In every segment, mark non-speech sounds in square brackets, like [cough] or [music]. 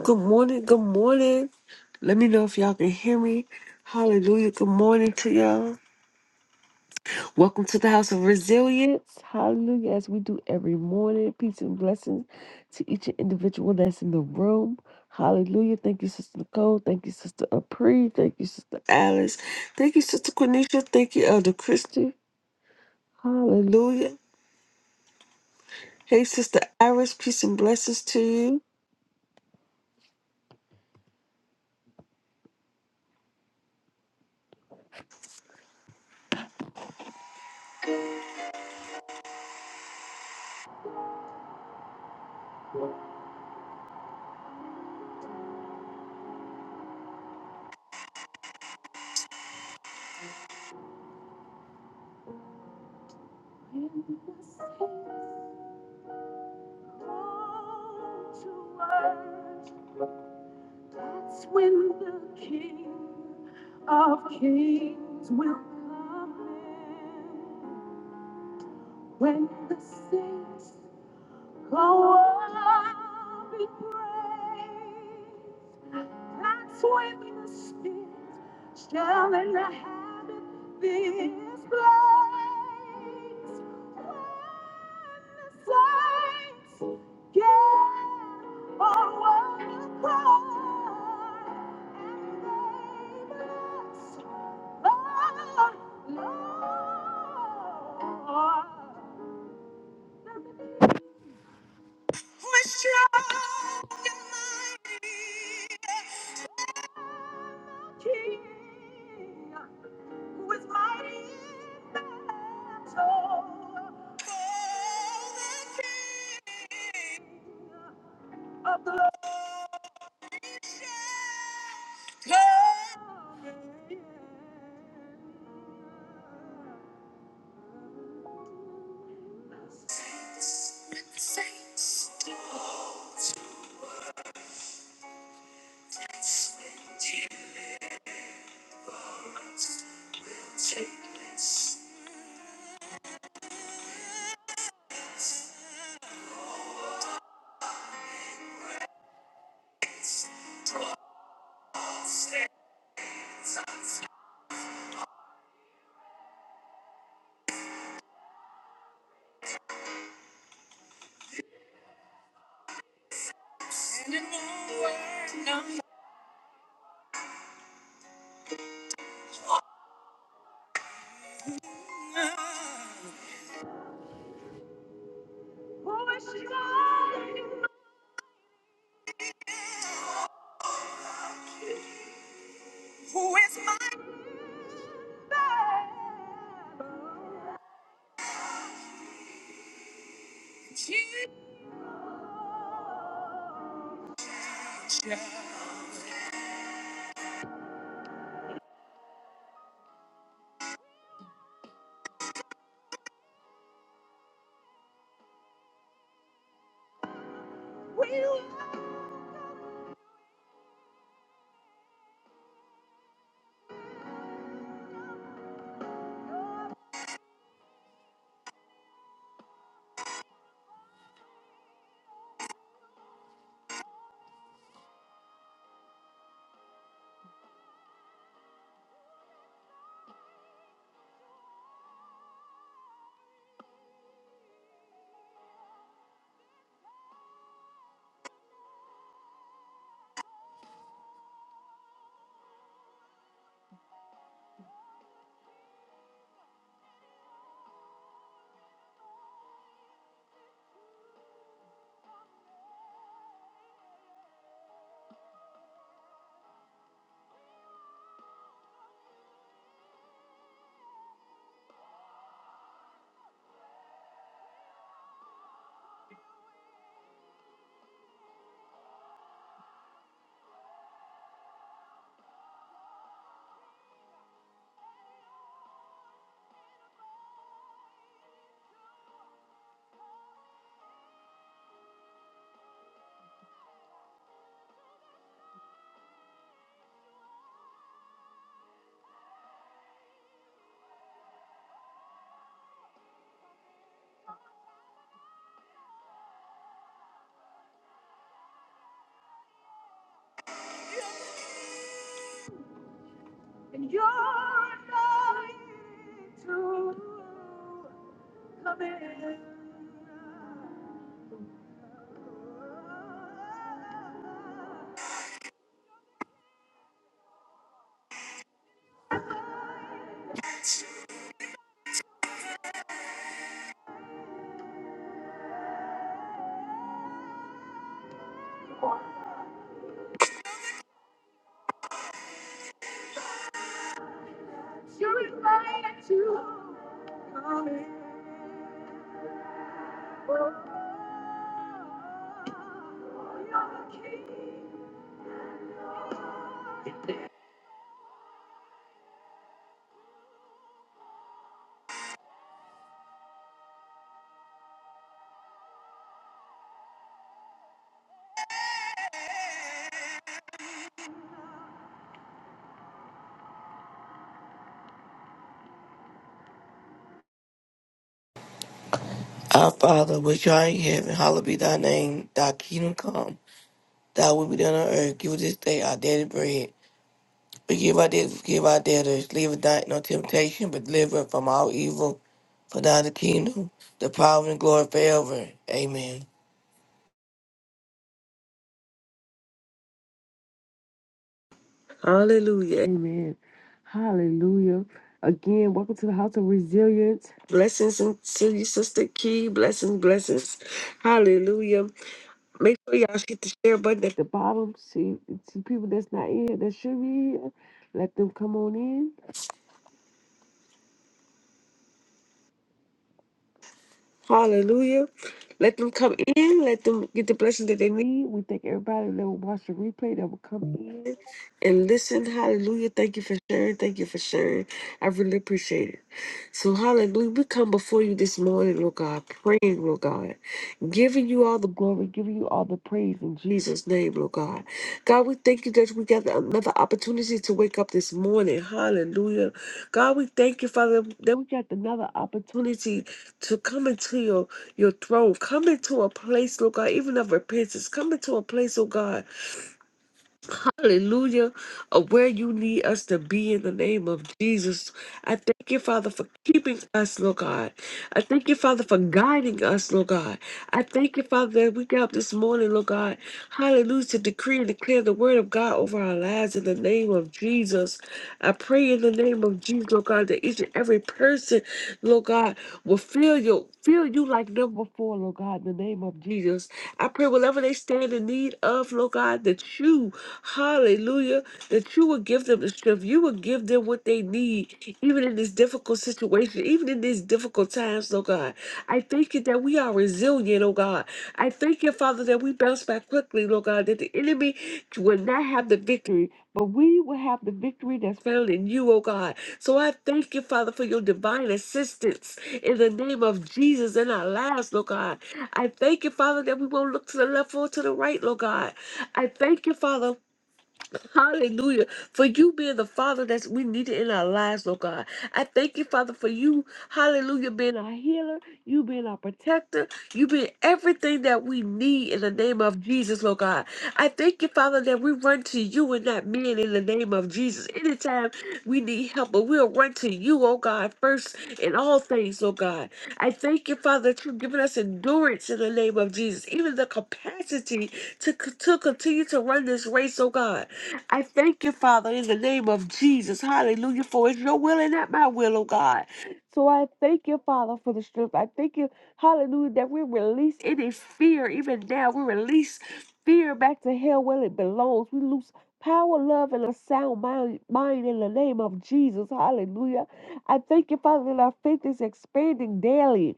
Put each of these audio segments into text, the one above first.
Good morning. Good morning. Let me know if y'all can hear me. Hallelujah. Good morning to y'all. Welcome to the House of Resilience. Hallelujah. As we do every morning, peace and blessings to each individual that's in the room. Hallelujah. Thank you, Sister Nicole. Thank you, Sister Apri. Thank you, Sister Alice. Thank you, Sister Quenisha. Thank you, Elder Christie. Hallelujah. Hey, Sister Iris. Peace and blessings to you. the saints. Our Father, which art in heaven, hallowed be thy name. Thy kingdom come. Thy will be done on earth. Give us this day our daily bread. Forgive our debts, forgive our debtors. Lead us not into temptation, but deliver us from all evil. For thine is the kingdom, the power, and the glory forever. Amen. Hallelujah. Amen. Hallelujah. Again, welcome to the House of Resilience. Blessings to you, Sister Key. Blessings, blessings. Hallelujah. Make sure y'all hit the share button. at The bottom, see, see people that's not in here that should be here. Let them come on in. Hallelujah. Let them come in. Let them get the blessings that they need. We thank everybody that will watch the replay that will come in and listen. Hallelujah. Thank you for sharing. Thank you for sharing. I really appreciate it. So, hallelujah. We come before you this morning, Lord God, praying, Lord God, giving you all the glory, giving you all the praise in Jesus' name, Lord God. God, we thank you that we got another opportunity to wake up this morning. Hallelujah. God, we thank you, Father, that we got another opportunity to come into your, your throne, come into a place, Lord God, even of repentance, come into a place, oh God, Hallelujah. Of where you need us to be in the name of Jesus. I thank you, Father, for keeping us, Lord God. I thank you, Father, for guiding us, Lord God. I thank you, Father, that we got up this morning, Lord God. Hallelujah. To decree and declare the word of God over our lives in the name of Jesus. I pray in the name of Jesus, Lord God, that each and every person, Lord God, will feel you, feel you like never before, Lord God, in the name of Jesus. I pray whatever they stand in need of, Lord God, that you, hallelujah, that you will give them the strength. You will give them what they need, even in this difficult situation, even in these difficult times, Lord God. I thank you that we are resilient, oh God. I thank you, Father, that we bounce back quickly, Lord God, that the enemy will not have the victory, but we will have the victory that's found in you, oh God. So I thank you, Father, for your divine assistance in the name of Jesus in our lives, Lord God. I thank you, Father, that we won't look to the left or to the right, Lord God. I thank you, Father. Hallelujah. For you being the Father that's we needed in our lives, Lord God. I thank you, Father, for you, hallelujah, being our healer, you being our protector, you being everything that we need in the name of Jesus, Lord God. I thank you, Father, that we run to you and not men in the name of Jesus. Anytime we need help, but we'll run to you, oh God, first in all things, oh God. I thank you, Father, that you've given us endurance in the name of Jesus, even the capacity to, c- to continue to run this race, oh God. I thank you, Father, in the name of Jesus. Hallelujah, for it's your will and not my will, oh God. So I thank you, Father, for the strength. I thank you, hallelujah, that we release any fear, even now. We release fear back to hell where it belongs. We loose power, love, and a sound mind, mind in the name of Jesus. Hallelujah. I thank you, Father, that our faith is expanding daily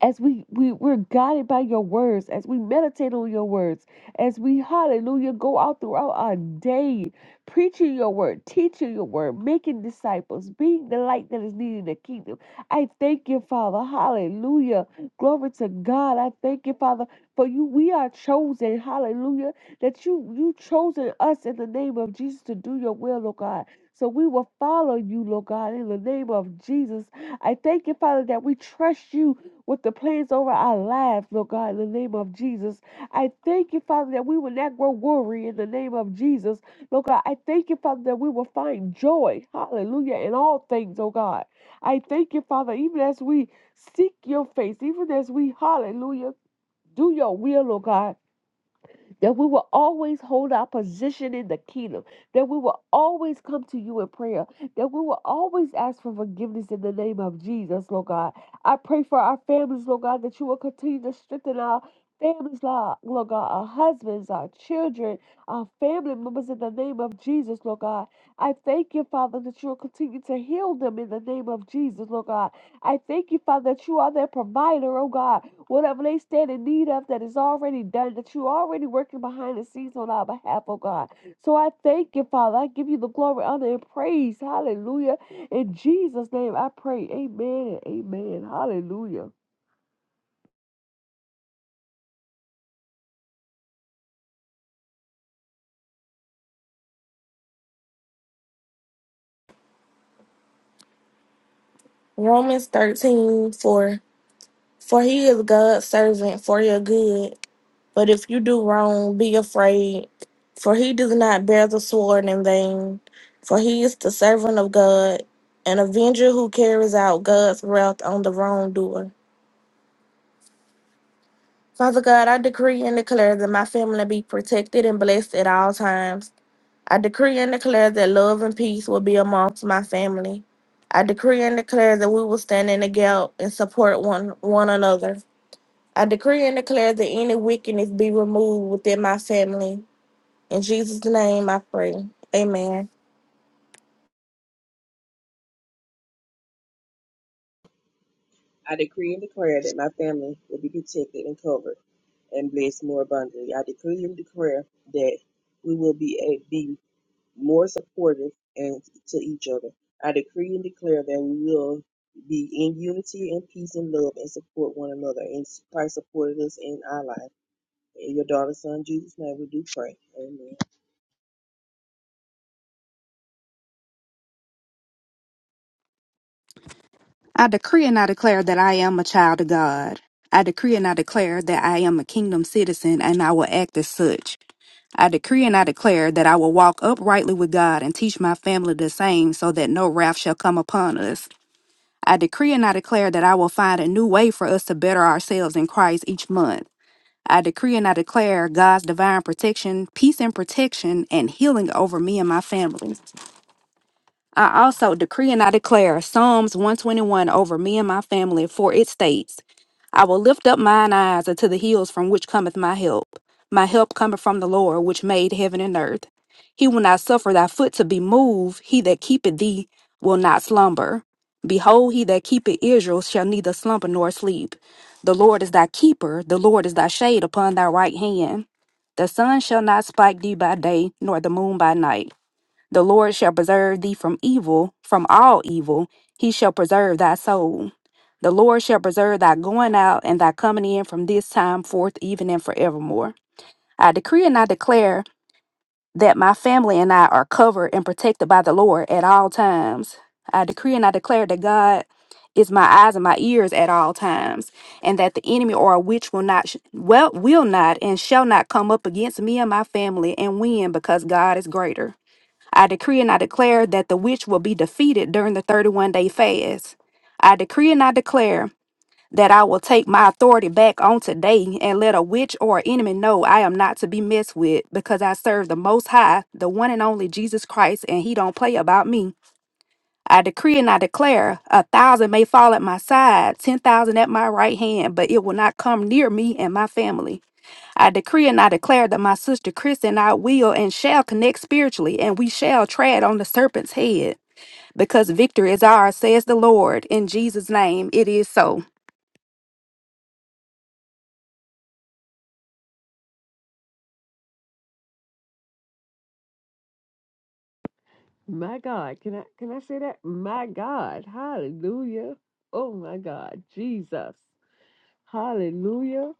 as we, we we're guided by your words as we meditate on your words as we hallelujah go out throughout our day preaching your word teaching your word making disciples being the light that is needed in the kingdom i thank you father hallelujah glory to god i thank you father for you we are chosen hallelujah that you you chosen us in the name of jesus to do your will lord god so we will follow you lord god in the name of jesus i thank you father that we trust you with the plans over our lives, Lord God, in the name of Jesus. I thank you, Father, that we will not grow weary in the name of Jesus. Lord God, I thank you, Father, that we will find joy, hallelujah, in all things, oh God. I thank you, Father, even as we seek your face, even as we, hallelujah, do your will, oh God that we will always hold our position in the kingdom, that we will always come to you in prayer, that we will always ask for forgiveness in the name of Jesus, Lord God. I pray for our families, Lord God, that you will continue to strengthen our families, Lord Lord God, our husbands, our children, our family members in the name of Jesus, Lord God. I thank you, Father, that you will continue to heal them in the name of Jesus, Lord God. I thank you, Father, that you are their provider, oh God. Whatever they stand in need of that is already done, that you're already working behind the scenes on our behalf, oh God. So I thank you, Father. I give you the glory, honor, and praise. Hallelujah. In Jesus' name I pray. Amen and amen. Hallelujah. Romans 13 4 For he is God's servant for your good. But if you do wrong, be afraid. For he does not bear the sword in vain. For he is the servant of God, an avenger who carries out God's wrath on the wrongdoer. Father God, I decree and declare that my family be protected and blessed at all times. I decree and declare that love and peace will be amongst my family. I decree and declare that we will stand in the gap and support one, one another. I decree and declare that any wickedness be removed within my family. In Jesus' name I pray. Amen. I decree and declare that my family will be protected and covered and blessed more abundantly. I decree and declare that we will be a, be more supportive and to each other. I decree and declare that we will be in unity and peace and love and support one another. And Christ supported us in our life. In your daughter's son Jesus' name we do pray. Amen. I decree and I declare that I am a child of God. I decree and I declare that I am a kingdom citizen and I will act as such. I decree and I declare that I will walk uprightly with God and teach my family the same so that no wrath shall come upon us. I decree and I declare that I will find a new way for us to better ourselves in Christ each month. I decree and I declare God's divine protection, peace and protection, and healing over me and my family. I also decree and I declare Psalms 121 over me and my family, for it states, I will lift up mine eyes unto the hills from which cometh my help. My help cometh from the Lord, which made heaven and earth. He will not suffer thy foot to be moved. He that keepeth thee will not slumber. Behold, he that keepeth Israel shall neither slumber nor sleep. The Lord is thy keeper, the Lord is thy shade upon thy right hand. The sun shall not spike thee by day, nor the moon by night. The Lord shall preserve thee from evil, from all evil. He shall preserve thy soul. The Lord shall preserve thy going out and thy coming in from this time forth, even and forevermore. I decree and I declare that my family and I are covered and protected by the Lord at all times. I decree and I declare that God is my eyes and my ears at all times, and that the enemy or a witch will not, sh- well, will not, and shall not come up against me and my family and win because God is greater. I decree and I declare that the witch will be defeated during the 31 day fast. I decree and I declare that I will take my authority back on today and let a witch or enemy know I am not to be messed with because I serve the most high, the one and only Jesus Christ, and he don't play about me. I decree and I declare a thousand may fall at my side, 10,000 at my right hand, but it will not come near me and my family. I decree and I declare that my sister Chris and I will and shall connect spiritually, and we shall tread on the serpent's head, because victory is ours, says the Lord. In Jesus' name, it is so. My God, can I can I say that? My God, Hallelujah! Oh my God, Jesus, Hallelujah!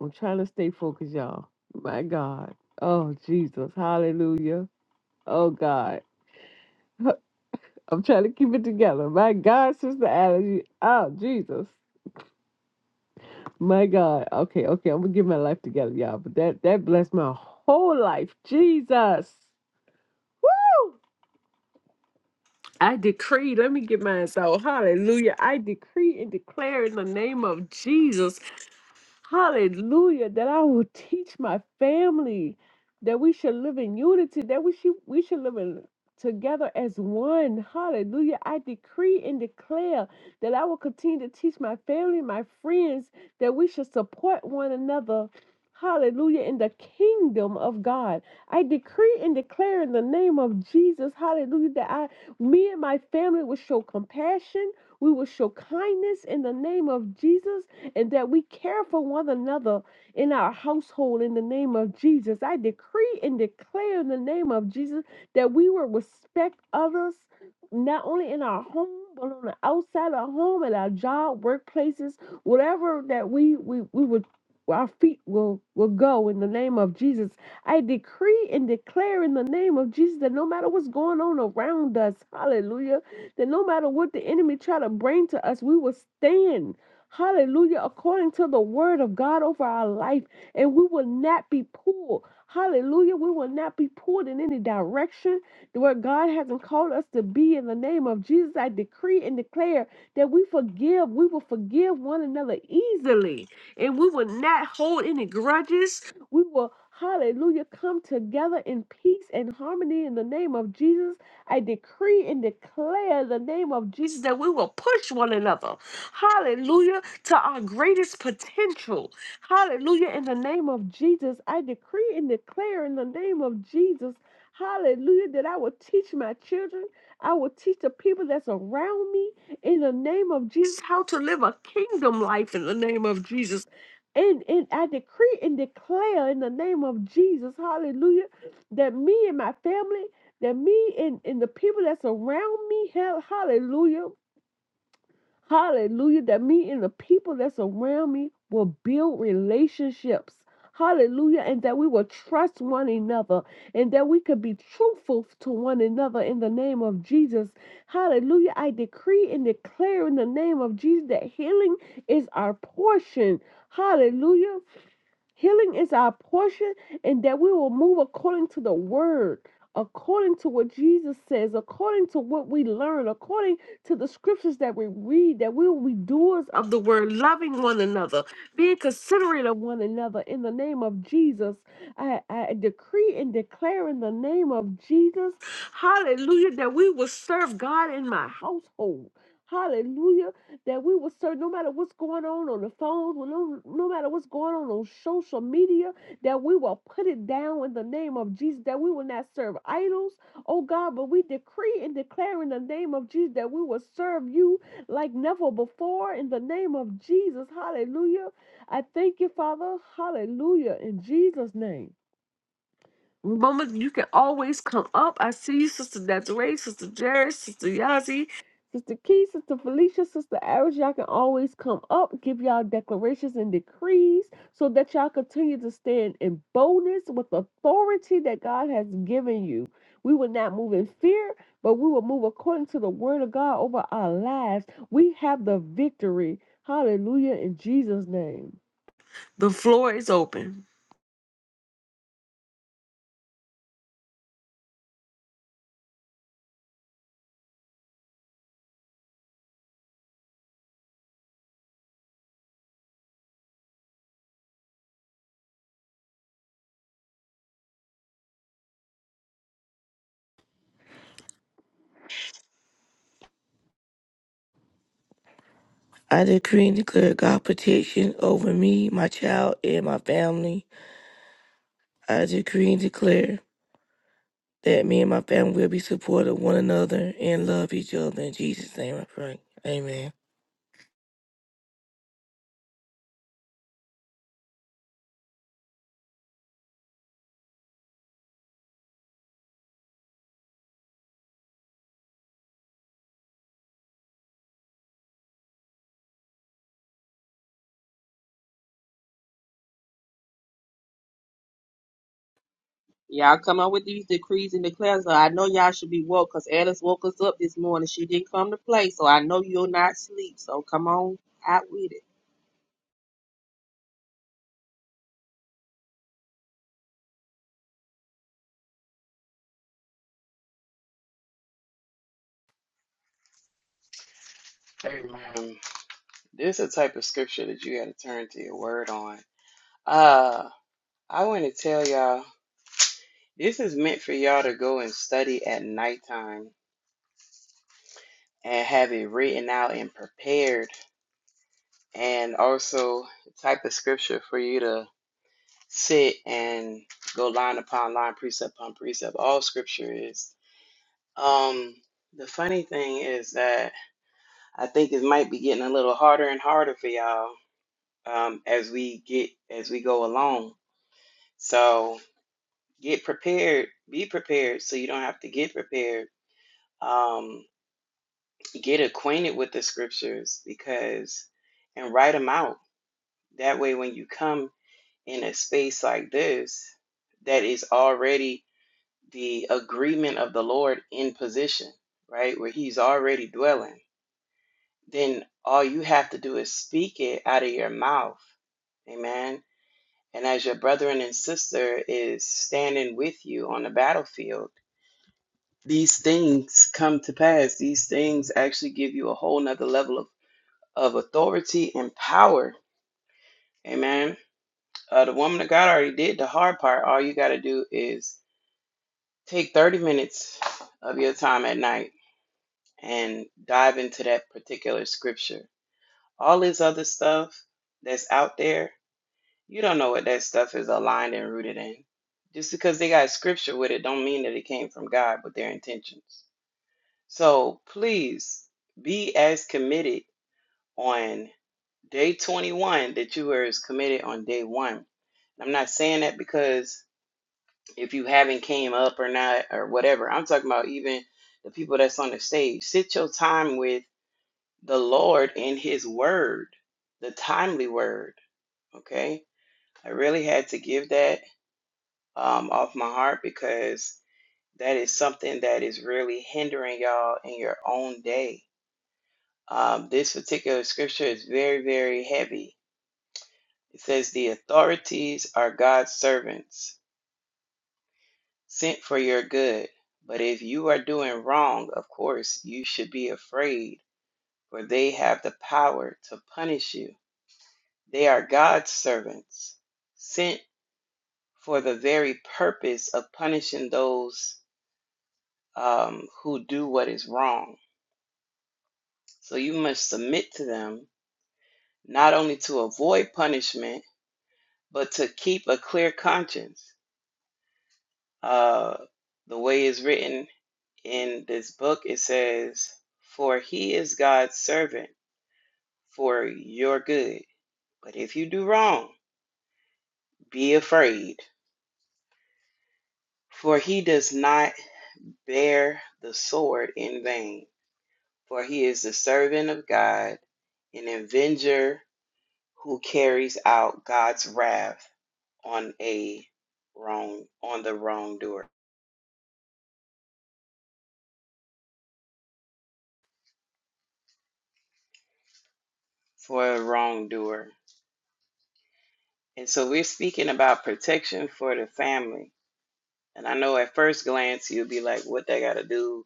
I'm trying to stay focused, y'all. My God, oh Jesus, Hallelujah! Oh God, [laughs] I'm trying to keep it together. My God, Sister Allergy, oh Jesus, my God. Okay, okay, I'm gonna get my life together, y'all. But that that blessed my whole life, Jesus. Woo! I decree, let me get mine out. Hallelujah. I decree and declare in the name of Jesus Hallelujah. That I will teach my family that we should live in unity, that we should we should live in together as one. Hallelujah. I decree and declare that I will continue to teach my family, my friends, that we should support one another. Hallelujah. In the kingdom of God. I decree and declare in the name of Jesus, hallelujah, that I me and my family will show compassion. We will show kindness in the name of Jesus and that we care for one another in our household in the name of Jesus. I decree and declare in the name of Jesus that we will respect others not only in our home but on the outside of home at our job workplaces whatever that we we, we would our feet will will go in the name of jesus i decree and declare in the name of jesus that no matter what's going on around us hallelujah that no matter what the enemy try to bring to us we will stand Hallelujah. According to the word of God over our life. And we will not be pulled. Hallelujah. We will not be pulled in any direction where God hasn't called us to be. In the name of Jesus, I decree and declare that we forgive. We will forgive one another easily. And we will not hold any grudges. We will, hallelujah, come together in peace and harmony in the name of Jesus. I decree and declare in the name of Jesus that we will push one another. Hallelujah. To our greatest potential. Hallelujah. In the name of Jesus, I decree and declare in the name of Jesus. Hallelujah. That I will teach my children. I will teach the people that's around me in the name of Jesus how to live a kingdom life in the name of Jesus. And, and I decree and declare in the name of Jesus, hallelujah, that me and my family that me and, and the people that's around me, hell, hallelujah, hallelujah, that me and the people that's around me will build relationships. Hallelujah, and that we will trust one another and that we could be truthful to one another in the name of Jesus. Hallelujah. I decree and declare in the name of Jesus that healing is our portion. Hallelujah. Healing is our portion, and that we will move according to the word, according to what Jesus says, according to what we learn, according to the scriptures that we read, that we will be doers of the word, loving one another, being considerate of one another in the name of Jesus. I, I decree and declare in the name of Jesus, hallelujah, that we will serve God in my household. Hallelujah that we will serve no matter what's going on on the phone, no, no matter what's going on on social media, that we will put it down in the name of Jesus, that we will not serve idols, oh God, but we decree and declare in the name of Jesus that we will serve you like never before in the name of Jesus. Hallelujah. I thank you, Father. Hallelujah. In Jesus' name. Mama, you can always come up. I see you, Sister Desiree, Sister Jerry, Sister Yazi, Sister Key, Sister Felicia, Sister Aris. Y'all can always come up, give y'all declarations and decrees so that y'all continue to stand in boldness with authority that God has given you. We will not move in fear, but we will move according to the word of God over our lives. We have the victory. Hallelujah in Jesus' name. The floor is open. I decree and declare God protection over me, my child, and my family. I decree and declare that me and my family will be supportive of one another and love each other. In Jesus' name I pray. Amen. Y'all come up with these decrees and declares. I know y'all should be woke because Alice woke us up this morning. She didn't come to play, so I know you'll not sleep. So come on out with it. Amen. This is a type of scripture that you got to turn to your word on. Uh, I want to tell y'all, this is meant for y'all to go and study at nighttime and have it written out and prepared, and also the type of scripture for you to sit and go line upon line, precept upon precept. All scripture is. Um, the funny thing is that I think it might be getting a little harder and harder for y'all um, as we get as we go along So get prepared, be prepared so you don't have to get prepared. Um, get acquainted with the scriptures because, and write them out. That way, when you come in a space like this, that is already the agreement of the Lord in position, right? Where He's already dwelling. Then all you have to do is speak it out of your mouth. Amen. And as your brethren and sister is standing with you on the battlefield, these things come to pass. These things actually give you a whole nother level of, of authority and power. Amen. Uh, the woman of God already did the hard part. All you got to do is take 30 minutes of your time at night and dive into that particular scripture. All this other stuff that's out there, you don't know what that stuff is aligned and rooted in. Just because they got scripture with it, don't mean that it came from God with their intentions. So please be as committed on day 21 that you were as committed on day one. I'm not saying that because if you haven't came up or not or whatever. I'm talking about even the people that's on the stage. Sit your time with the Lord and His Word, the timely Word. Okay, I really had to give that um, off my heart because that is something that is really hindering y'all in your own day Um, this particular scripture is very, very heavy. It says, The authorities are God's servants, sent for your good. But if you are doing wrong, of course, you should be afraid, for they have the power to punish you. They are God's servants, sent for the very purpose of punishing those um, who do what is wrong. So you must submit to them, not only to avoid punishment, but to keep a clear conscience Uh, the way it's written in this book, it says, For he is God's servant for your good. But if you do wrong, be afraid, for he does not bear the sword in vain, for he is the servant of God, an avenger who carries out God's wrath on a wrong on the wrongdoer for a wrongdoer. And so we're speaking about protection for the family. And I know at first glance you'll be like, what that got to do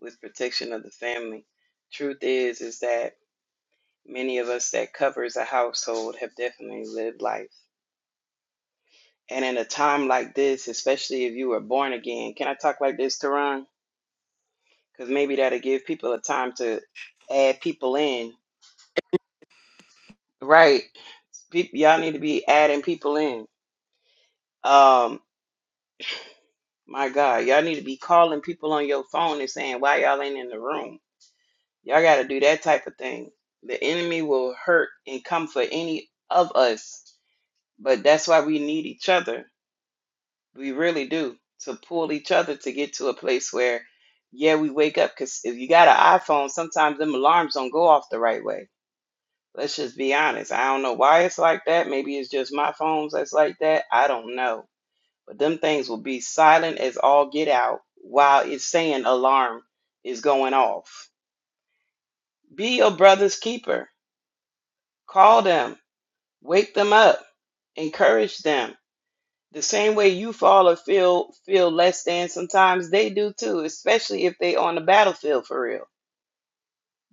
with protection of the family? Truth is, is that many of us that covers a household have definitely lived life. And in a time like this, especially if you were born again, can I talk like this, Teron? Because maybe that'll give people a time to add people in. Right. Peop y'all need to be adding people in. Um, my God, y'all need to be calling people on your phone and saying, why y'all ain't in the room? Y'all got to do that type of thing. The enemy will hurt and come for any of us, but that's why we need each other. We really do to pull each other to get to a place where, yeah, we wake up. Because if you got an iPhone, sometimes them alarms don't go off the right way. Let's just be honest. I don't know why it's like that. Maybe it's just my phones that's like that. I don't know. But them things will be silent as all get out while it's saying alarm is going off. Be your brother's keeper. Call them Wake them up, encourage them. The same way you fall or feel feel less than sometimes they do too, especially if they on the battlefield for real.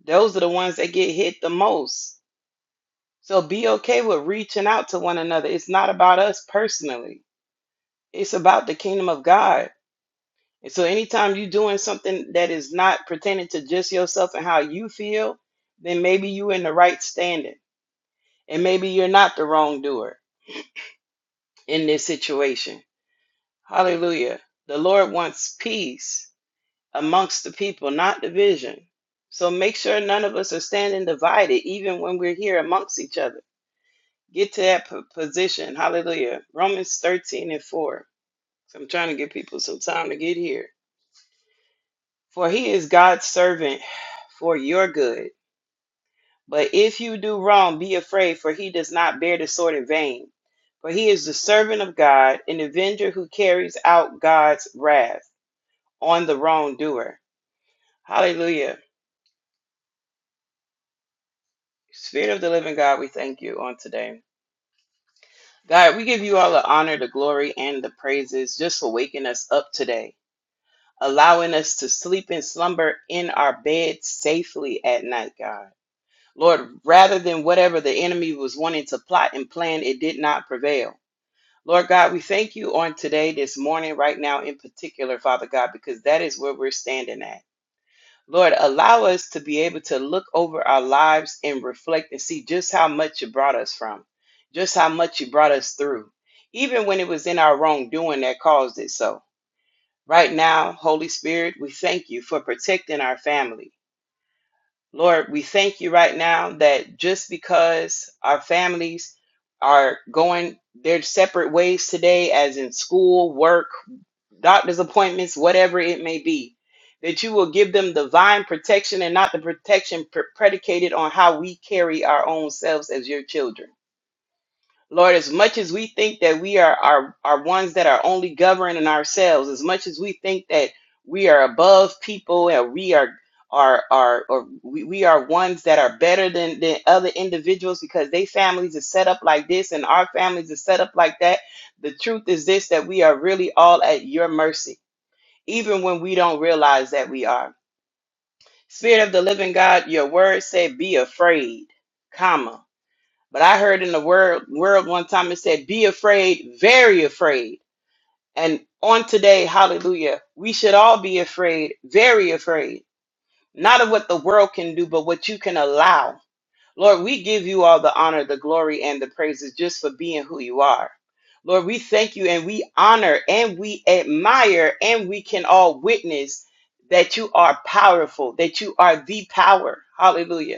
Those are the ones that get hit the most. So be okay with reaching out to one another. It's not about us personally. It's about the kingdom of God. And so anytime you're doing something that is not pertaining to just yourself and how you feel, then maybe you're in the right standing. And maybe you're not the wrongdoer in this situation Hallelujah. The Lord wants peace amongst the people, not division. So make sure none of us are standing divided, even when we're here amongst each other. Get to that p- position. Hallelujah. Romans 13 and 4. So I'm trying to give people some time to get here. For he is God's servant for your good. But if you do wrong, be afraid, for he does not bear the sword in vain. For he is the servant of God, an avenger who carries out God's wrath on the wrongdoer. Hallelujah. Spirit of the living God, we thank you on today. God, we give you all the honor, the glory, and the praises just for waking us up today, allowing us to sleep and slumber in our bed safely at night, God. Lord, rather than whatever the enemy was wanting to plot and plan, it did not prevail. Lord God, we thank you on today, this morning, right now in particular, Father God, because that is where we're standing at. Lord, allow us to be able to look over our lives and reflect and see just how much you brought us from, just how much you brought us through, even when it was in our wrongdoing that caused it so. Right now, Holy Spirit, we thank you for protecting our family. Lord, we thank you right now that just because our families are going their separate ways today, as in school, work, doctor's appointments, whatever it may be, that you will give them divine protection and not the protection pre- predicated on how we carry our own selves as your children. Lord, as much as we think that we are, are, are ones that are only governing ourselves, as much as we think that we are above people and we are are are or we, we are ones that are better than, than other individuals because their families are set up like this and our families are set up like that. The truth is this that we are really all at your mercy, even when we don't realize that we are. Spirit of the living God, your Word said, be afraid, comma. But I heard in the world world one time it said, "Be afraid, very afraid." And on today, Hallelujah, we should all be afraid, very afraid, not of what the world can do, but what you can allow. Lord, we give you all the honor, the glory, and the praises just for being who you are. Lord, we thank you and we honor and we admire and we can all witness that you are powerful, that you are the power. Hallelujah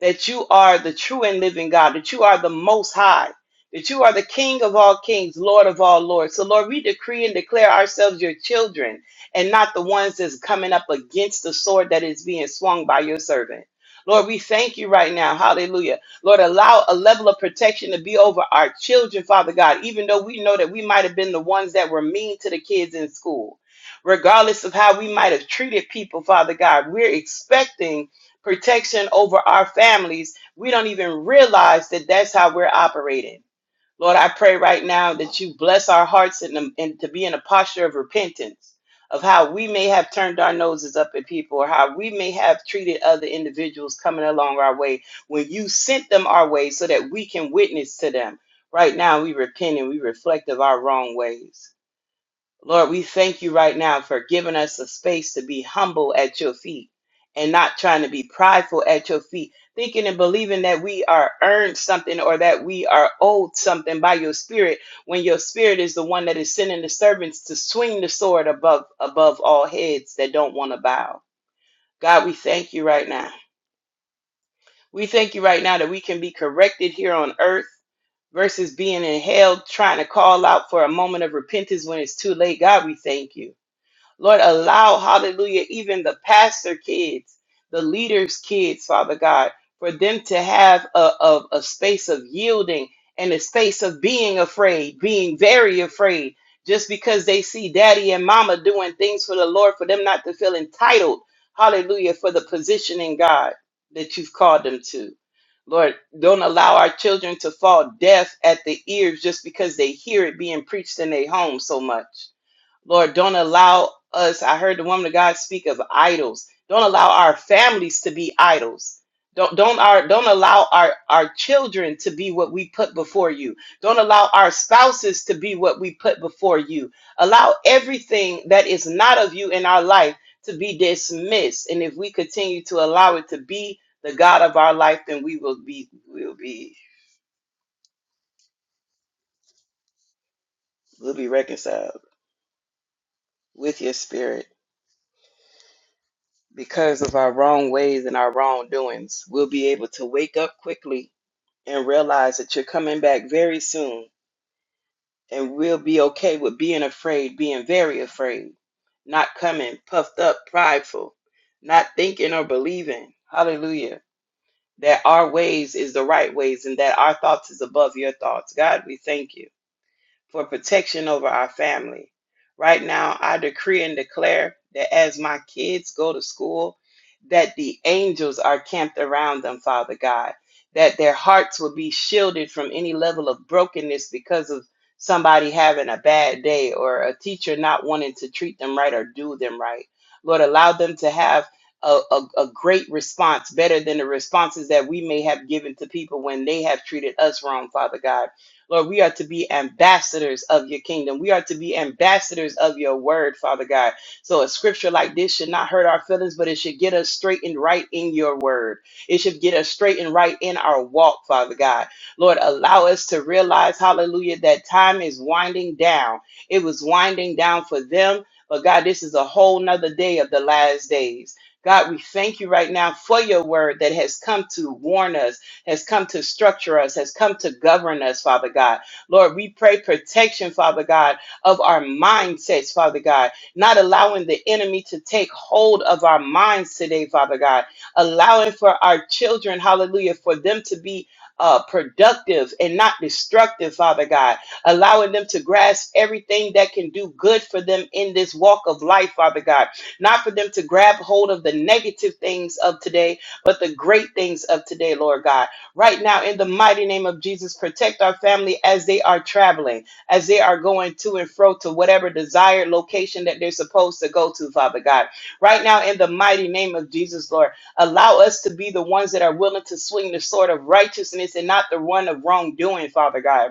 that you are the true and living God, that you are the most high, that you are the King of all kings, Lord of all lords. So, Lord, we decree and declare ourselves your children and not the ones that's coming up against the sword that is being swung by your servant. Lord, we thank you right now. Hallelujah. Lord, allow a level of protection to be over our children, Father God, even though we know that we might have been the ones that were mean to the kids in school regardless of how we might have treated people, Father God. We're expecting protection over our families, we don't even realize that that's how we're operating. Lord, I pray right now that you bless our hearts and, um, and to be in a posture of repentance of how we may have turned our noses up at people or how we may have treated other individuals coming along our way when you sent them our way so that we can witness to them. Right now, we repent and we reflect of our wrong ways. Lord, we thank you right now for giving us a space to be humble at your feet and not trying to be prideful at your feet, thinking and believing that we are earned something or that we are owed something by your spirit when your spirit is the one that is sending the servants to swing the sword above above all heads that don't want to bow. God, we thank you right now. We thank you right now that we can be corrected here on earth versus being in hell trying to call out for a moment of repentance when it's too late. God, we thank you. Lord, allow, hallelujah, even the pastor kids, the leaders' kids, Father God, for them to have a, a, a space of yielding and a space of being afraid, being very afraid, just because they see daddy and mama doing things for the Lord, for them not to feel entitled, hallelujah, for the position in God that you've called them to. Lord, don't allow our children to fall deaf at the ears just because they hear it being preached in their home so much. Lord, don't allow us, I heard the woman of God speak of idols. Don't allow our families to be idols. Don't don't our don't allow our, our children to be what we put before you. Don't allow our spouses to be what we put before you. Allow everything that is not of you in our life to be dismissed. And if we continue to allow it to be the God of our life, then we will be we'll be we'll be reconciled with your spirit. because of our wrong ways and our wrongdoings, we'll be able to wake up quickly and realize that you're coming back very soon. And we'll be okay with being afraid, being very afraid, not coming puffed up, prideful, not thinking or believing. Hallelujah. That our ways is the right ways and that our thoughts is above your thoughts. God, we thank you for protection over our family. Right now, I decree and declare that as my kids go to school, that the angels are camped around them, Father God, that their hearts will be shielded from any level of brokenness because of somebody having a bad day or a teacher not wanting to treat them right or do them right. Lord, allow them to have a, a, a great response, better than the responses that we may have given to people when they have treated us wrong, Father God Lord, we are to be ambassadors of your kingdom. We are to be ambassadors of your word, Father God. So a scripture like this should not hurt our feelings, but it should get us straight and right in your word. It should get us straight and right in our walk, Father God. Lord, allow us to realize, hallelujah, that time is winding down. It was winding down for them. But God, this is a whole nother day of the last days. God, we thank you right now for your word that has come to warn us has come to structure us, has come to govern us, Father God. Lord, we pray protection, Father God, of our mindsets, Father God, not allowing the enemy to take hold of our minds today, Father God, allowing for our children, hallelujah, for them to be. Uh, productive and not destructive, Father God, allowing them to grasp everything that can do good for them in this walk of life, Father God, not for them to grab hold of the negative things of today, but the great things of today, Lord God right now in the mighty name of Jesus. Protect our family as they are traveling, as they are going to and fro to whatever desired location that they're supposed to go to, Father God. Right now in the mighty name of Jesus, Lord, allow us to be the ones that are willing to swing the sword of righteousness and not the one of wrongdoing, Father God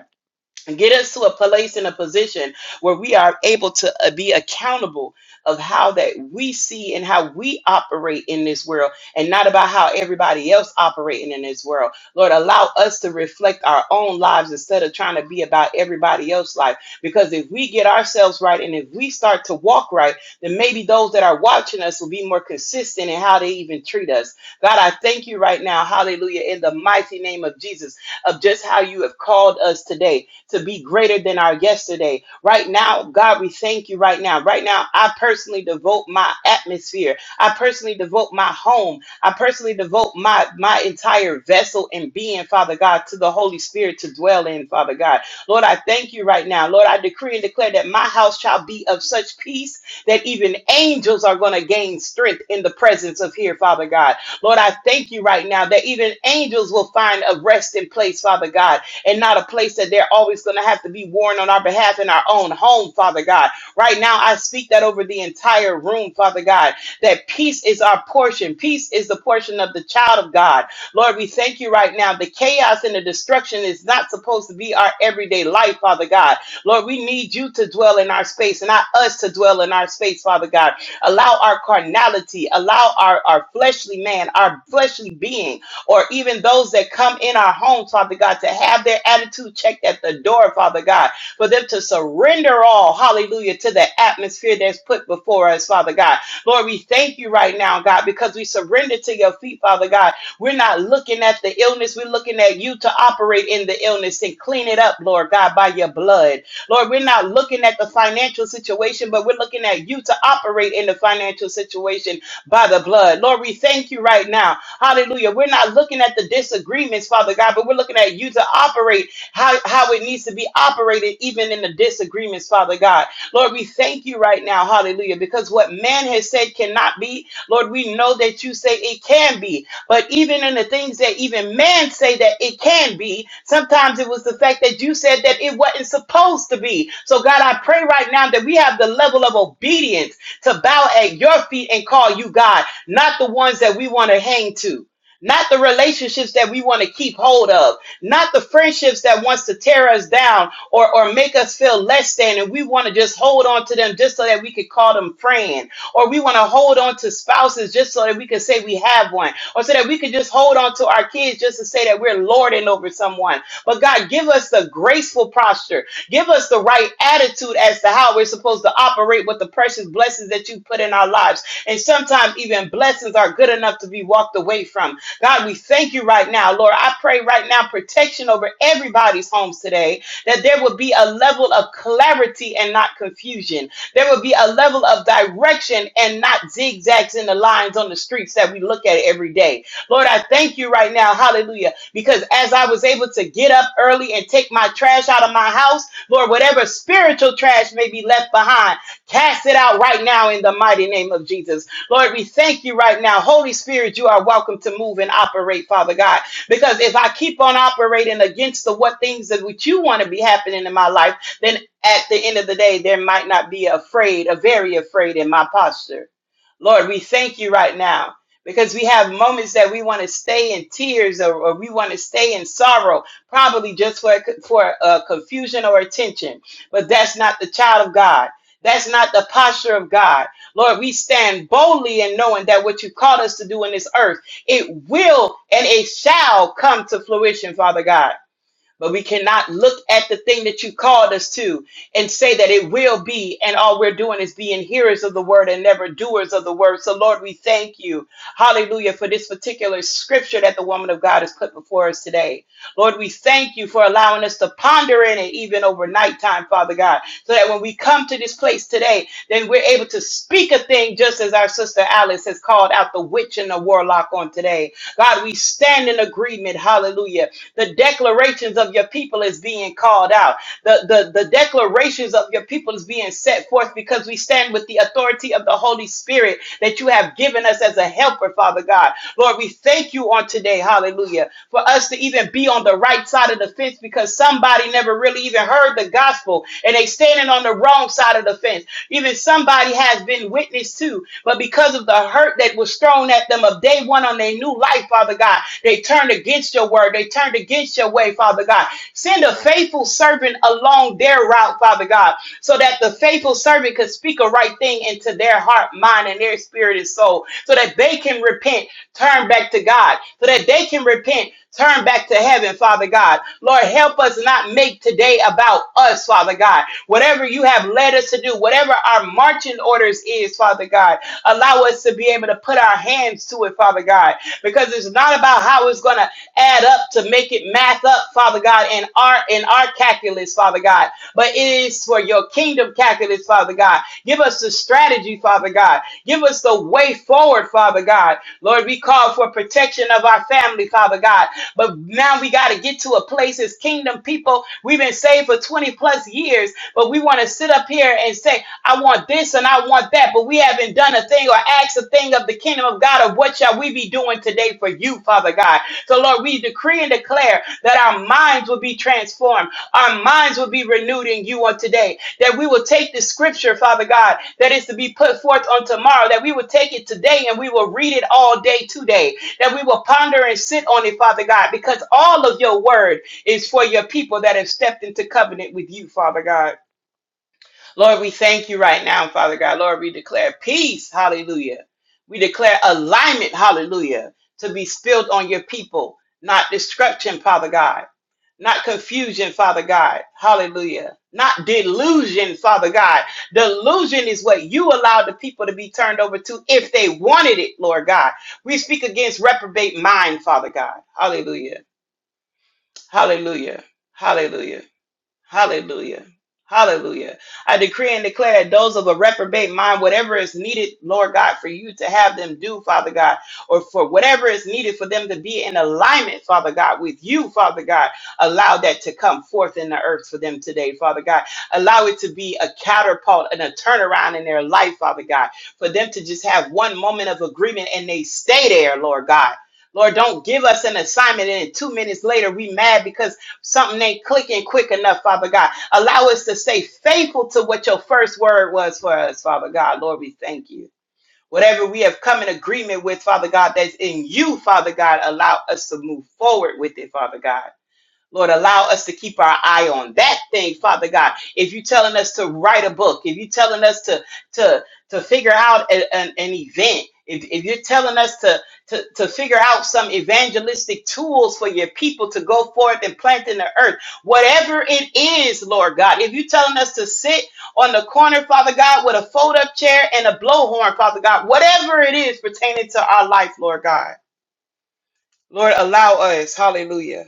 get us to a place and a position where we are able to uh, be accountable of how that we see and how we operate in this world and not about how everybody else operating in this world lord allow us to reflect our own lives instead of trying to be about everybody else's life because if we get ourselves right and if we start to walk right then maybe those that are watching us will be more consistent in how they even treat us god i thank you right now hallelujah in the mighty name of jesus of just how you have called us today to be greater than our yesterday. Right now, God, we thank you right now. Right now, I personally devote my atmosphere. I personally devote my home. I personally devote my my entire vessel and being, Father God, to the Holy Spirit to dwell in, Father God. Lord, I thank you right now. Lord, I decree and declare that my house shall be of such peace that even angels are going to gain strength in the presence of here, Father God. Lord, I thank you right now that even angels will find a resting place, Father God and not a place that they're always going to have to be warned on our behalf in our own home, Father God. Right now, I speak that over the entire room, Father God, that peace is our portion. Peace is the portion of the child of God. Lord, we thank you right now. The chaos and the destruction is not supposed to be our everyday life, Father God. Lord, we need you to dwell in our space, not us to dwell in our space, Father God. Allow our carnality, allow our, our fleshly man, our fleshly being or even those that come in our homes, Father God, to have their attitude checked at the door, Father God, for them to surrender all, hallelujah, to the atmosphere that's put before us, Father God. Lord, we thank you right now, God, because we surrender to your feet, Father God. We're not looking at the illness, we're looking at you to operate in the illness and clean it up, Lord God, by your blood. Lord, we're not looking at the financial situation, but we're looking at you to operate in the financial situation by the blood. Lord, we thank you right now Hallelujah. We're not looking at the disagreements, Father God, but we're looking at you to operate how, how it needs to be operated, even in the disagreements, Father God. Lord, we thank you right now, hallelujah, because what man has said cannot be, Lord, we know that you say it can be. But even in the things that even man say that it can be, sometimes it was the fact that you said that it wasn't supposed to be. So God, I pray right now that we have the level of obedience to bow at your feet and call you God not the ones that we want to hang to, not the relationships that we want to keep hold of, not the friendships that wants to tear us down or, or make us feel less than, and we want to just hold on to them just so that we could call them friend, or we want to hold on to spouses just so that we can say we have one, or so that we can just hold on to our kids just to say that we're lording over someone. But God, give us the graceful posture Give us the right attitude as to how we're supposed to operate with the precious blessings that you put in our lives. And sometimes even blessings are good enough to be walked away from. God, we thank you right now. Lord, I pray right now protection over everybody's homes today, that there will be a level of clarity and not confusion. There will be a level of direction and not zigzags in the lines on the streets that we look at every day. Lord, I thank you right now. Hallelujah. Because as I was able to get up early and take my trash out of my house, Lord, whatever spiritual trash may be left behind. Cast it out right now in the mighty name of Jesus. Lord, we thank you right now. Holy Spirit, you are welcome to move and operate, Father God. Because if I keep on operating against the what things that which you want to be happening in my life, then at the end of the day, there might not be afraid, a very afraid in my posture. Lord, we thank you right now. Because we have moments that we want to stay in tears or, or we want to stay in sorrow, probably just for, for uh, confusion or attention. But that's not the child of God. That's not the posture of God. Lord, we stand boldly in knowing that what you called us to do in this earth, it will and it shall come to fruition, Father God. But we cannot look at the thing that you called us to and say that it will be, and all we're doing is being hearers of the word and never doers of the word. So, Lord, we thank you, hallelujah, for this particular scripture that the woman of God has put before us today. Lord, we thank you for allowing us to ponder in it even over nighttime, Father God, so that when we come to this place today, then we're able to speak a thing just as our sister Alice has called out the witch and the warlock on today. God, we stand in agreement, hallelujah the declarations of your people is being called out. The, the, the declarations of your people is being set forth because we stand with the authority of the Holy Spirit that you have given us as a helper, Father God. Lord, we thank you on today, hallelujah, for us to even be on the right side of the fence because somebody never really even heard the gospel and they standing on the wrong side of the fence even somebody has been witness to. But because of the hurt that was thrown at them of day one on their new life, Father God, they turned against your word. They turned against your way, Father God. Send a faithful servant along their route, Father God, so that the faithful servant could speak a right thing into their heart, mind, and their spirit and soul, so that they can repent turn back to God so that they can repent, turn back to heaven, Father God. Lord, help us not make today about us, Father God. Whatever you have led us to do, whatever our marching orders is, Father God, allow us to be able to put our hands to it, Father God, because it's not about how it's going to add up to make it math up, Father God, in our in our calculus, Father God, but it is for your kingdom calculus, Father God. Give us the strategy, Father God. Give us the way forward, Father God Lord, we call for protection of our family, Father God. But now we got to get to a place as kingdom people. We've been saved for 20 plus years, but we want to sit up here and say, I want this and I want that, but we haven't done a thing or asked a thing of the kingdom of God of what shall we be doing today for you, Father God. So, Lord, we decree and declare that our minds will be transformed, our minds will be renewed in you on today that we will take this scripture, Father God, that is to be put forth on tomorrow, that we will take it today and we will read it all day today, that we will ponder and sit on it, Father God, because all of your word is for your people that have stepped into covenant with you, Father God. Lord, we thank you right now, Father God. Lord, we declare peace, hallelujah. We declare alignment, hallelujah, to be spilled on your people, not destruction, Father God, not confusion, Father God, hallelujah, not delusion, Father God. Delusion is what you allowed the people to be turned over to if they wanted it, Lord God. We speak against reprobate mind, Father God, hallelujah, hallelujah, hallelujah. Hallelujah. Hallelujah. I decree and declare those of a reprobate mind, whatever is needed, Lord God, for you to have them do, Father God, or for whatever is needed for them to be in alignment, Father God, with you, Father God, allow that to come forth in the earth for them today, Father God. Allow it to be a catapult and a turnaround in their life, Father God, for them to just have one moment of agreement and they stay there, Lord God. Lord, don't give us an assignment and then two minutes later we mad because Something ain't clicking quick enough, Father God. Allow us to stay faithful to what your first word was for us, Father God. Lord, we thank you. Whatever we have come in agreement with, Father God, that's in you, Father God, allow us to move forward with it, Father God. Lord, allow us to keep our eye on that thing, Father God. If you're telling us to write a book, if you're telling us to to to figure out a- an, an event, if, if you're telling us to, to to figure out some evangelistic tools for your people to go forth and plant in the earth, whatever it is, Lord God, if you're telling us to sit on the corner, Father God, with a fold-up chair and a blowhorn, Father God, whatever it is pertaining to our life, Lord God. Lord, allow us, hallelujah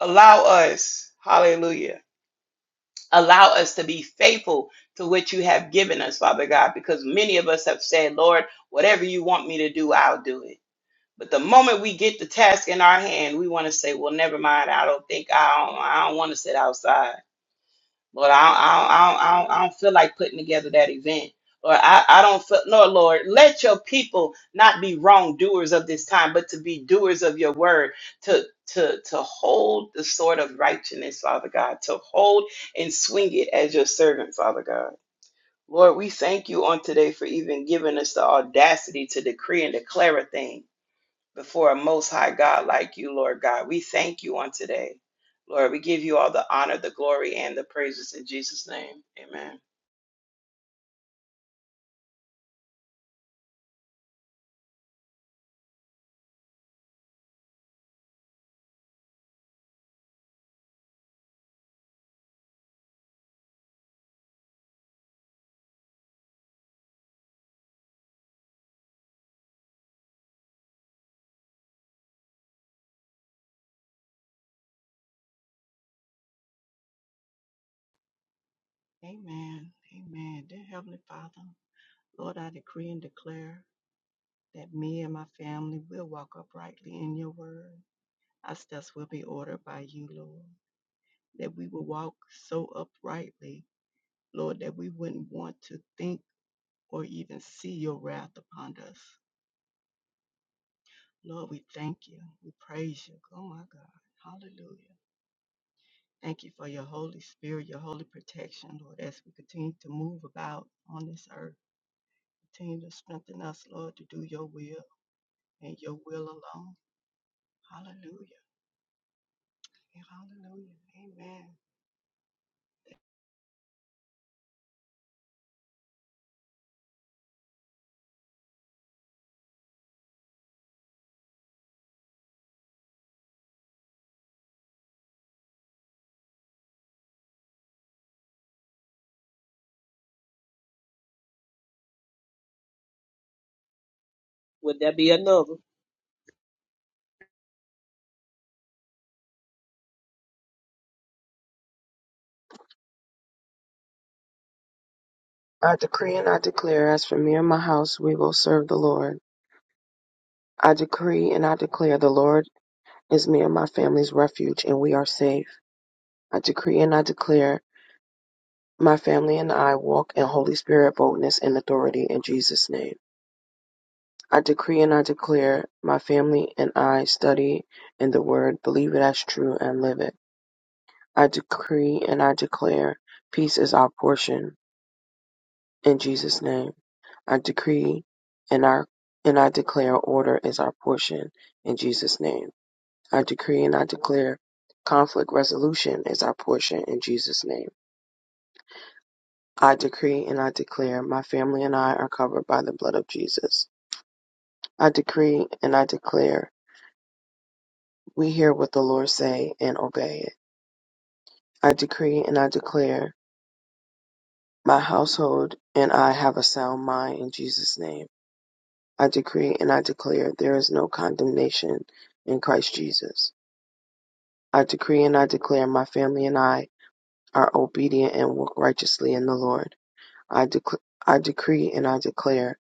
Allow us, hallelujah, allow us to be faithful to what you have given us, Father God, because many of us have said, Lord, whatever you want me to do, I'll do it. But the moment we get the task in our hand, we want to say, well, never mind. I don't think I don't, I don't want to sit outside. Lord, I don't, I don't, I don't, I don't feel like putting together that event. Or I, I don't feel, no, Lord, let your people not be wrongdoers of this time, but to be doers of your word, to, to, to hold the sword of righteousness, Father God, to hold and swing it as your servant, Father God. Lord, we thank you on today for even giving us the audacity to decree and declare a thing before a most high God like you, Lord God. We thank you on today. Lord, we give you all the honor, the glory, and the praises in Jesus' name. Amen. Amen. Amen. Dear Heavenly Father, Lord, I decree and declare that me and my family will walk uprightly in your word. Our steps will be ordered by you, Lord. That we will walk so uprightly, Lord, that we wouldn't want to think or even see your wrath upon us. Lord, we thank you. We praise you. Oh, my God. Hallelujah. Thank you for your Holy Spirit, your holy protection, Lord, as we continue to move about on this earth. Continue to strengthen us, Lord, to do your will and your will alone. Hallelujah. Hallelujah. Amen. Would that be another? I decree and I declare, as for me and my house, we will serve the Lord. I decree and I declare, the Lord is me and my family's refuge, and we are safe. I decree and I declare, my family and I walk in Holy Spirit boldness and authority in Jesus' name. I decree and I declare, my family and I study in the Word, believe it as true, and live it. I decree and I declare, peace is our portion. In Jesus' name, I decree and I and I declare order is our portion. In Jesus' name, I decree and I declare conflict resolution is our portion. In Jesus' name, I decree and I declare my family and I are covered by the blood of Jesus. I decree and I declare we hear what the Lord say and obey it. I decree and I declare my household and I have a sound mind. In Jesus' name. I decree and I declare there is no condemnation in Christ Jesus. I decree and I declare my family and I are obedient and walk righteously in the Lord. I, dec- I decree and I declare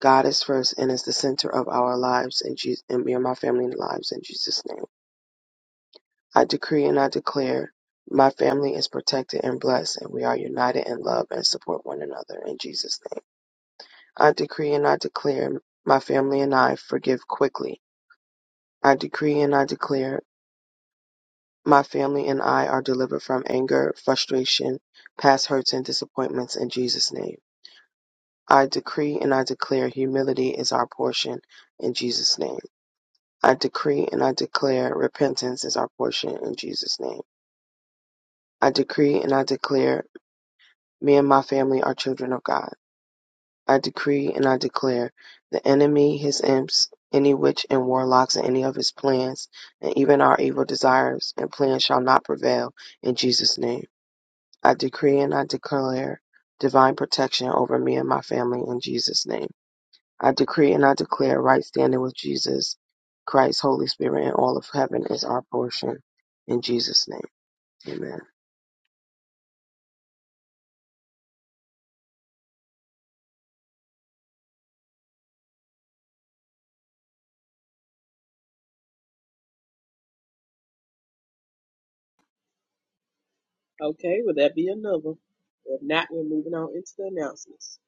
God is first and is the center of our lives and, Jesus- and me and my family lives in Jesus' name. I decree and I declare my family is protected and blessed and we are united in love and support one another in Jesus' name. I decree and I declare my family and I forgive quickly. I decree and I declare My family and I are delivered from anger, frustration, past hurts and disappointments in Jesus' name. I decree and I declare humility is our portion in Jesus' name. I decree and I declare repentance is our portion in Jesus' name. I decree and I declare me and my family are children of God. I decree and I declare the enemy, his imps, any witch and warlocks and any of his plans, and even our evil desires and plans shall not prevail in Jesus' name. I decree and I declare divine protection over me and my family in Jesus' name. I decree and I declare right standing with Jesus Christ, Holy Spirit, and all of heaven is our portion in Jesus' name. Amen. Okay, would that be another? If not, we're moving on into the announcements.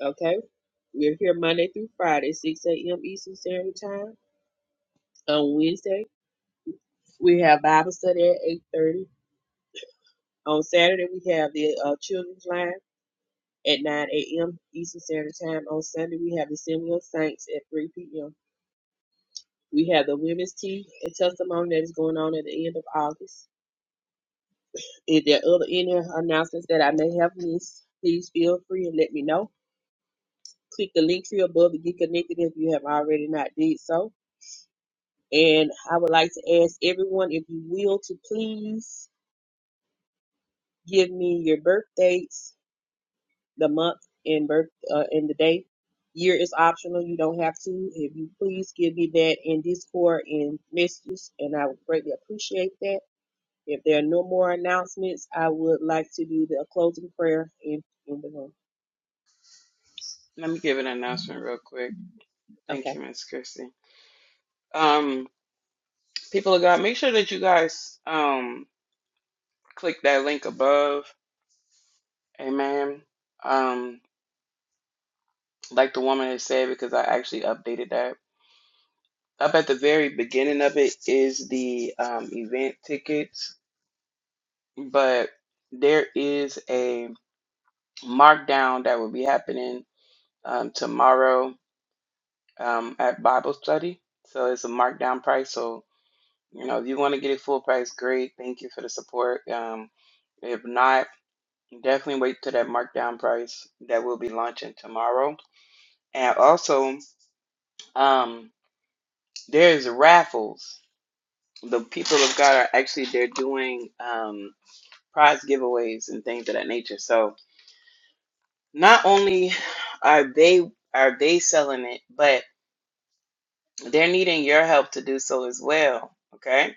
Okay, we're here Monday through Friday, 6 a.m. Eastern Standard Time. On Wednesday, we have Bible study at 8.30. On Saturday, we have the uh, Children's Line at 9 a.m. Eastern Standard Time. On Sunday, we have the Assembly of Saints at 3 p.m. We have the women's tea and testimony that is going on at the end of August. If there are other any announcements that I may have missed, please feel free and let me know. Click the link tree above to get connected if you have already not did so. And I would like to ask everyone, if you will, to please give me your birth dates, the month and birth uh, and the day. Year is optional; you don't have to. If you please give me that in Discord and messages, and I would greatly appreciate that If there are no more announcements, I would like to do the closing prayer in, in the room. Let me give an announcement real quick. Thank Okay. you, Miss Christie. Um, people of God, make sure that you guys um click that link above. Amen. Um, like the woman has said, because I actually updated that. up at the very beginning of it is the um, event tickets, but there is a markdown that will be happening um, tomorrow um, at Bible study. So it's a markdown price. So, you know, if you want to get it full price, great. Thank you for the support. Um, if not, definitely wait till that markdown price that will be launching tomorrow. And also, um, there's raffles. The people of God are actually, they're doing. Um, prize giveaways and things of that nature. So not only are they are they selling it, but they're needing your help to do so as well. Okay.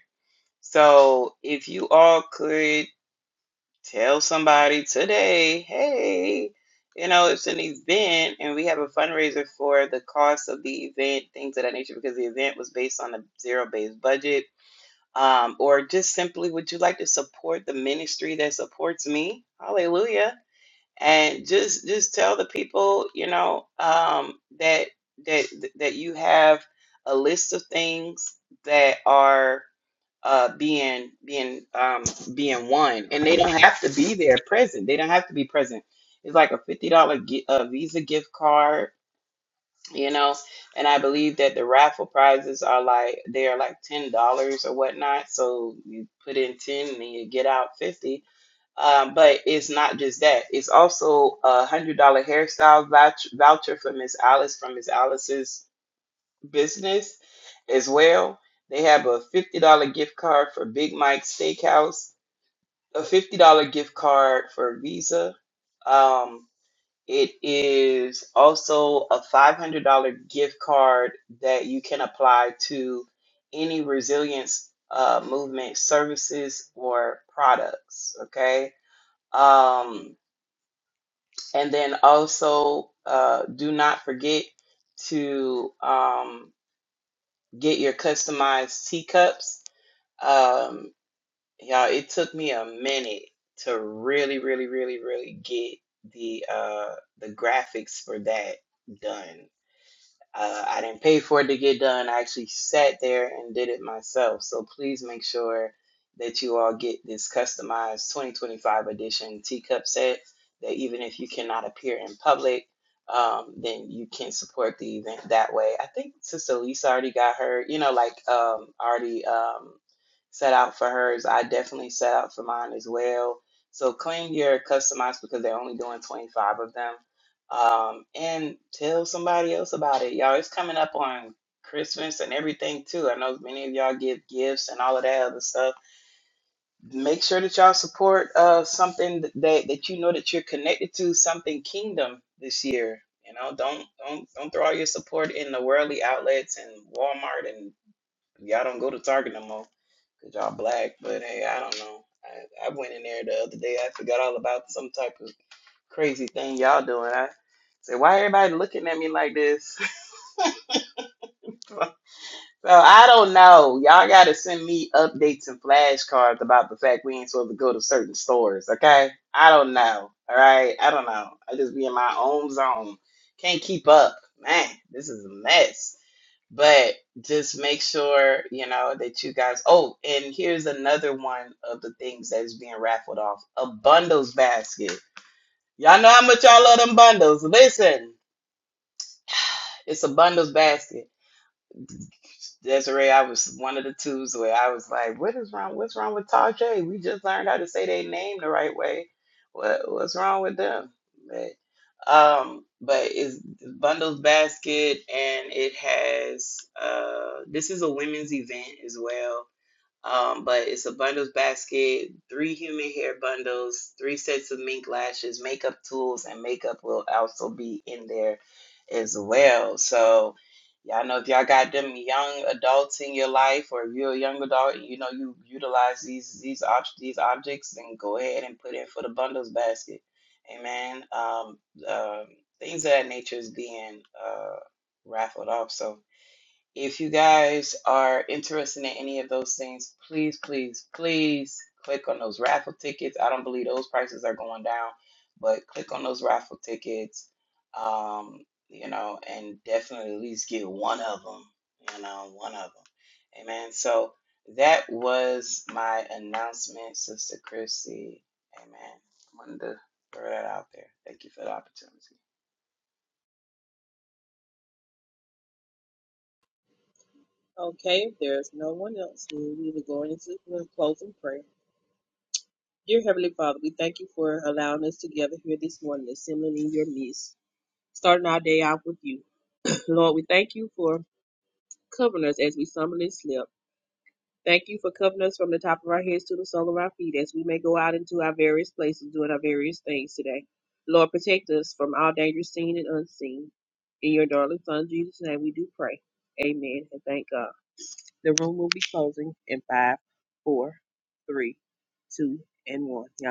So if you all could tell somebody today, hey, you know, it's an event and we have a fundraiser for the cost of the event, things of that nature, because the event was based on a zero based budget. Um, or just simply, would you like to support the ministry that supports me? Hallelujah and just just tell the people you know um, that that that you have a list of things that are uh, being being um, being won, and they don't have to be there present. They don't have to be present. It's like a fifty dollar gi- uh, Visa gift card, you know. And I believe that the raffle prizes are like they are like ten dollars or whatnot. So you put in ten and you get out fifty um, but it's not just that. It's also a hundred dollar hairstyle vouch- voucher for Miss Alice from Miss Alice's business as well. They have a fifty dollar gift card for Big Mike's Steakhouse, a fifty dollar gift card for Visa. Um, it is also a five hundred dollar gift card that you can apply to any resilience uh, movement services or products. Okay. Um, and then also, uh, do not forget to um, get your customized teacups. Um, y'all, it took me a minute to really, really, really, really get the uh, the graphics for that done. Uh, I didn't pay for it to get done. I actually sat there and did it myself. So please make sure that you all get this customized 2025 edition teacup set. That even if you cannot appear in public, um, then you can support the event that way. I think Sister Lisa already got her, you know, like um, already um, set out for hers. I definitely set out for mine as well. So claim your customized because they're only doing 25 of them um, and tell somebody else about it. Y'all, it's coming up on Christmas and everything too. I know many of y'all give gifts and all of that other stuff. Make sure that y'all support uh, something that, that you know that you're connected to, something kingdom this year. You know, don't don't don't throw all your support in the worldly outlets and Walmart and y'all don't go to Target no more because y'all black. But hey, I don't know. I, I went in there the other day. I forgot all about some type of crazy thing y'all doing. I said, why everybody looking at me like this? [laughs] so I don't know. Y'all gotta send me updates and flashcards about the fact we ain't supposed to go to certain stores. Okay, I don't know. All right, I don't know. I just be in my own zone. Can't keep up, man. This is a mess. But just make sure you know that you guys. Oh, and here's another one of the things that is being raffled off: a bundles basket. Y'all know how much y'all love them bundles. Listen. It's a bundles basket. Desiree, I was one of the twos where I was like, "What is wrong? What's wrong with Tajay? We just learned how to say their name the right way. What what's wrong with them?" But um, but it's bundles basket, and it has uh, this is a women's event as well um, but it's a bundles basket, three human hair bundles, three sets of mink lashes, makeup tools, and makeup will also be in there as well. So y'all know if y'all got them young adults in your life, or if you're a young adult, you know you utilize these these ob- these objects, then go ahead and put in for the bundles basket. Amen. Um, um, things of that nature is being uh, raffled off. So if you guys are interested in any of those things, please, please, please click on those raffle tickets. I don't believe those prices are going down, but click on those raffle tickets, um, you know, and definitely at least get one of them, you know, one of them. Amen. So that was my announcement, Sister Christy. Amen. Wanted to throw that out there. Thank you for the opportunity. Okay, if there's no one else, we will be going into the closing prayer. Dear Heavenly Father, we thank you for allowing us together here this morning, assembling in your midst, starting our day out with you. [clears throat] Lord, we thank you for covering us as we stumble and slip. Thank you for covering us from the top of our heads to the sole of our feet as we may go out into our various places doing our various things today. Lord, protect us from all dangers seen and unseen. In your darling Son, Jesus' name, we do pray. Amen and thank God. The room will be closing in five, four, three, two, and one. Y'all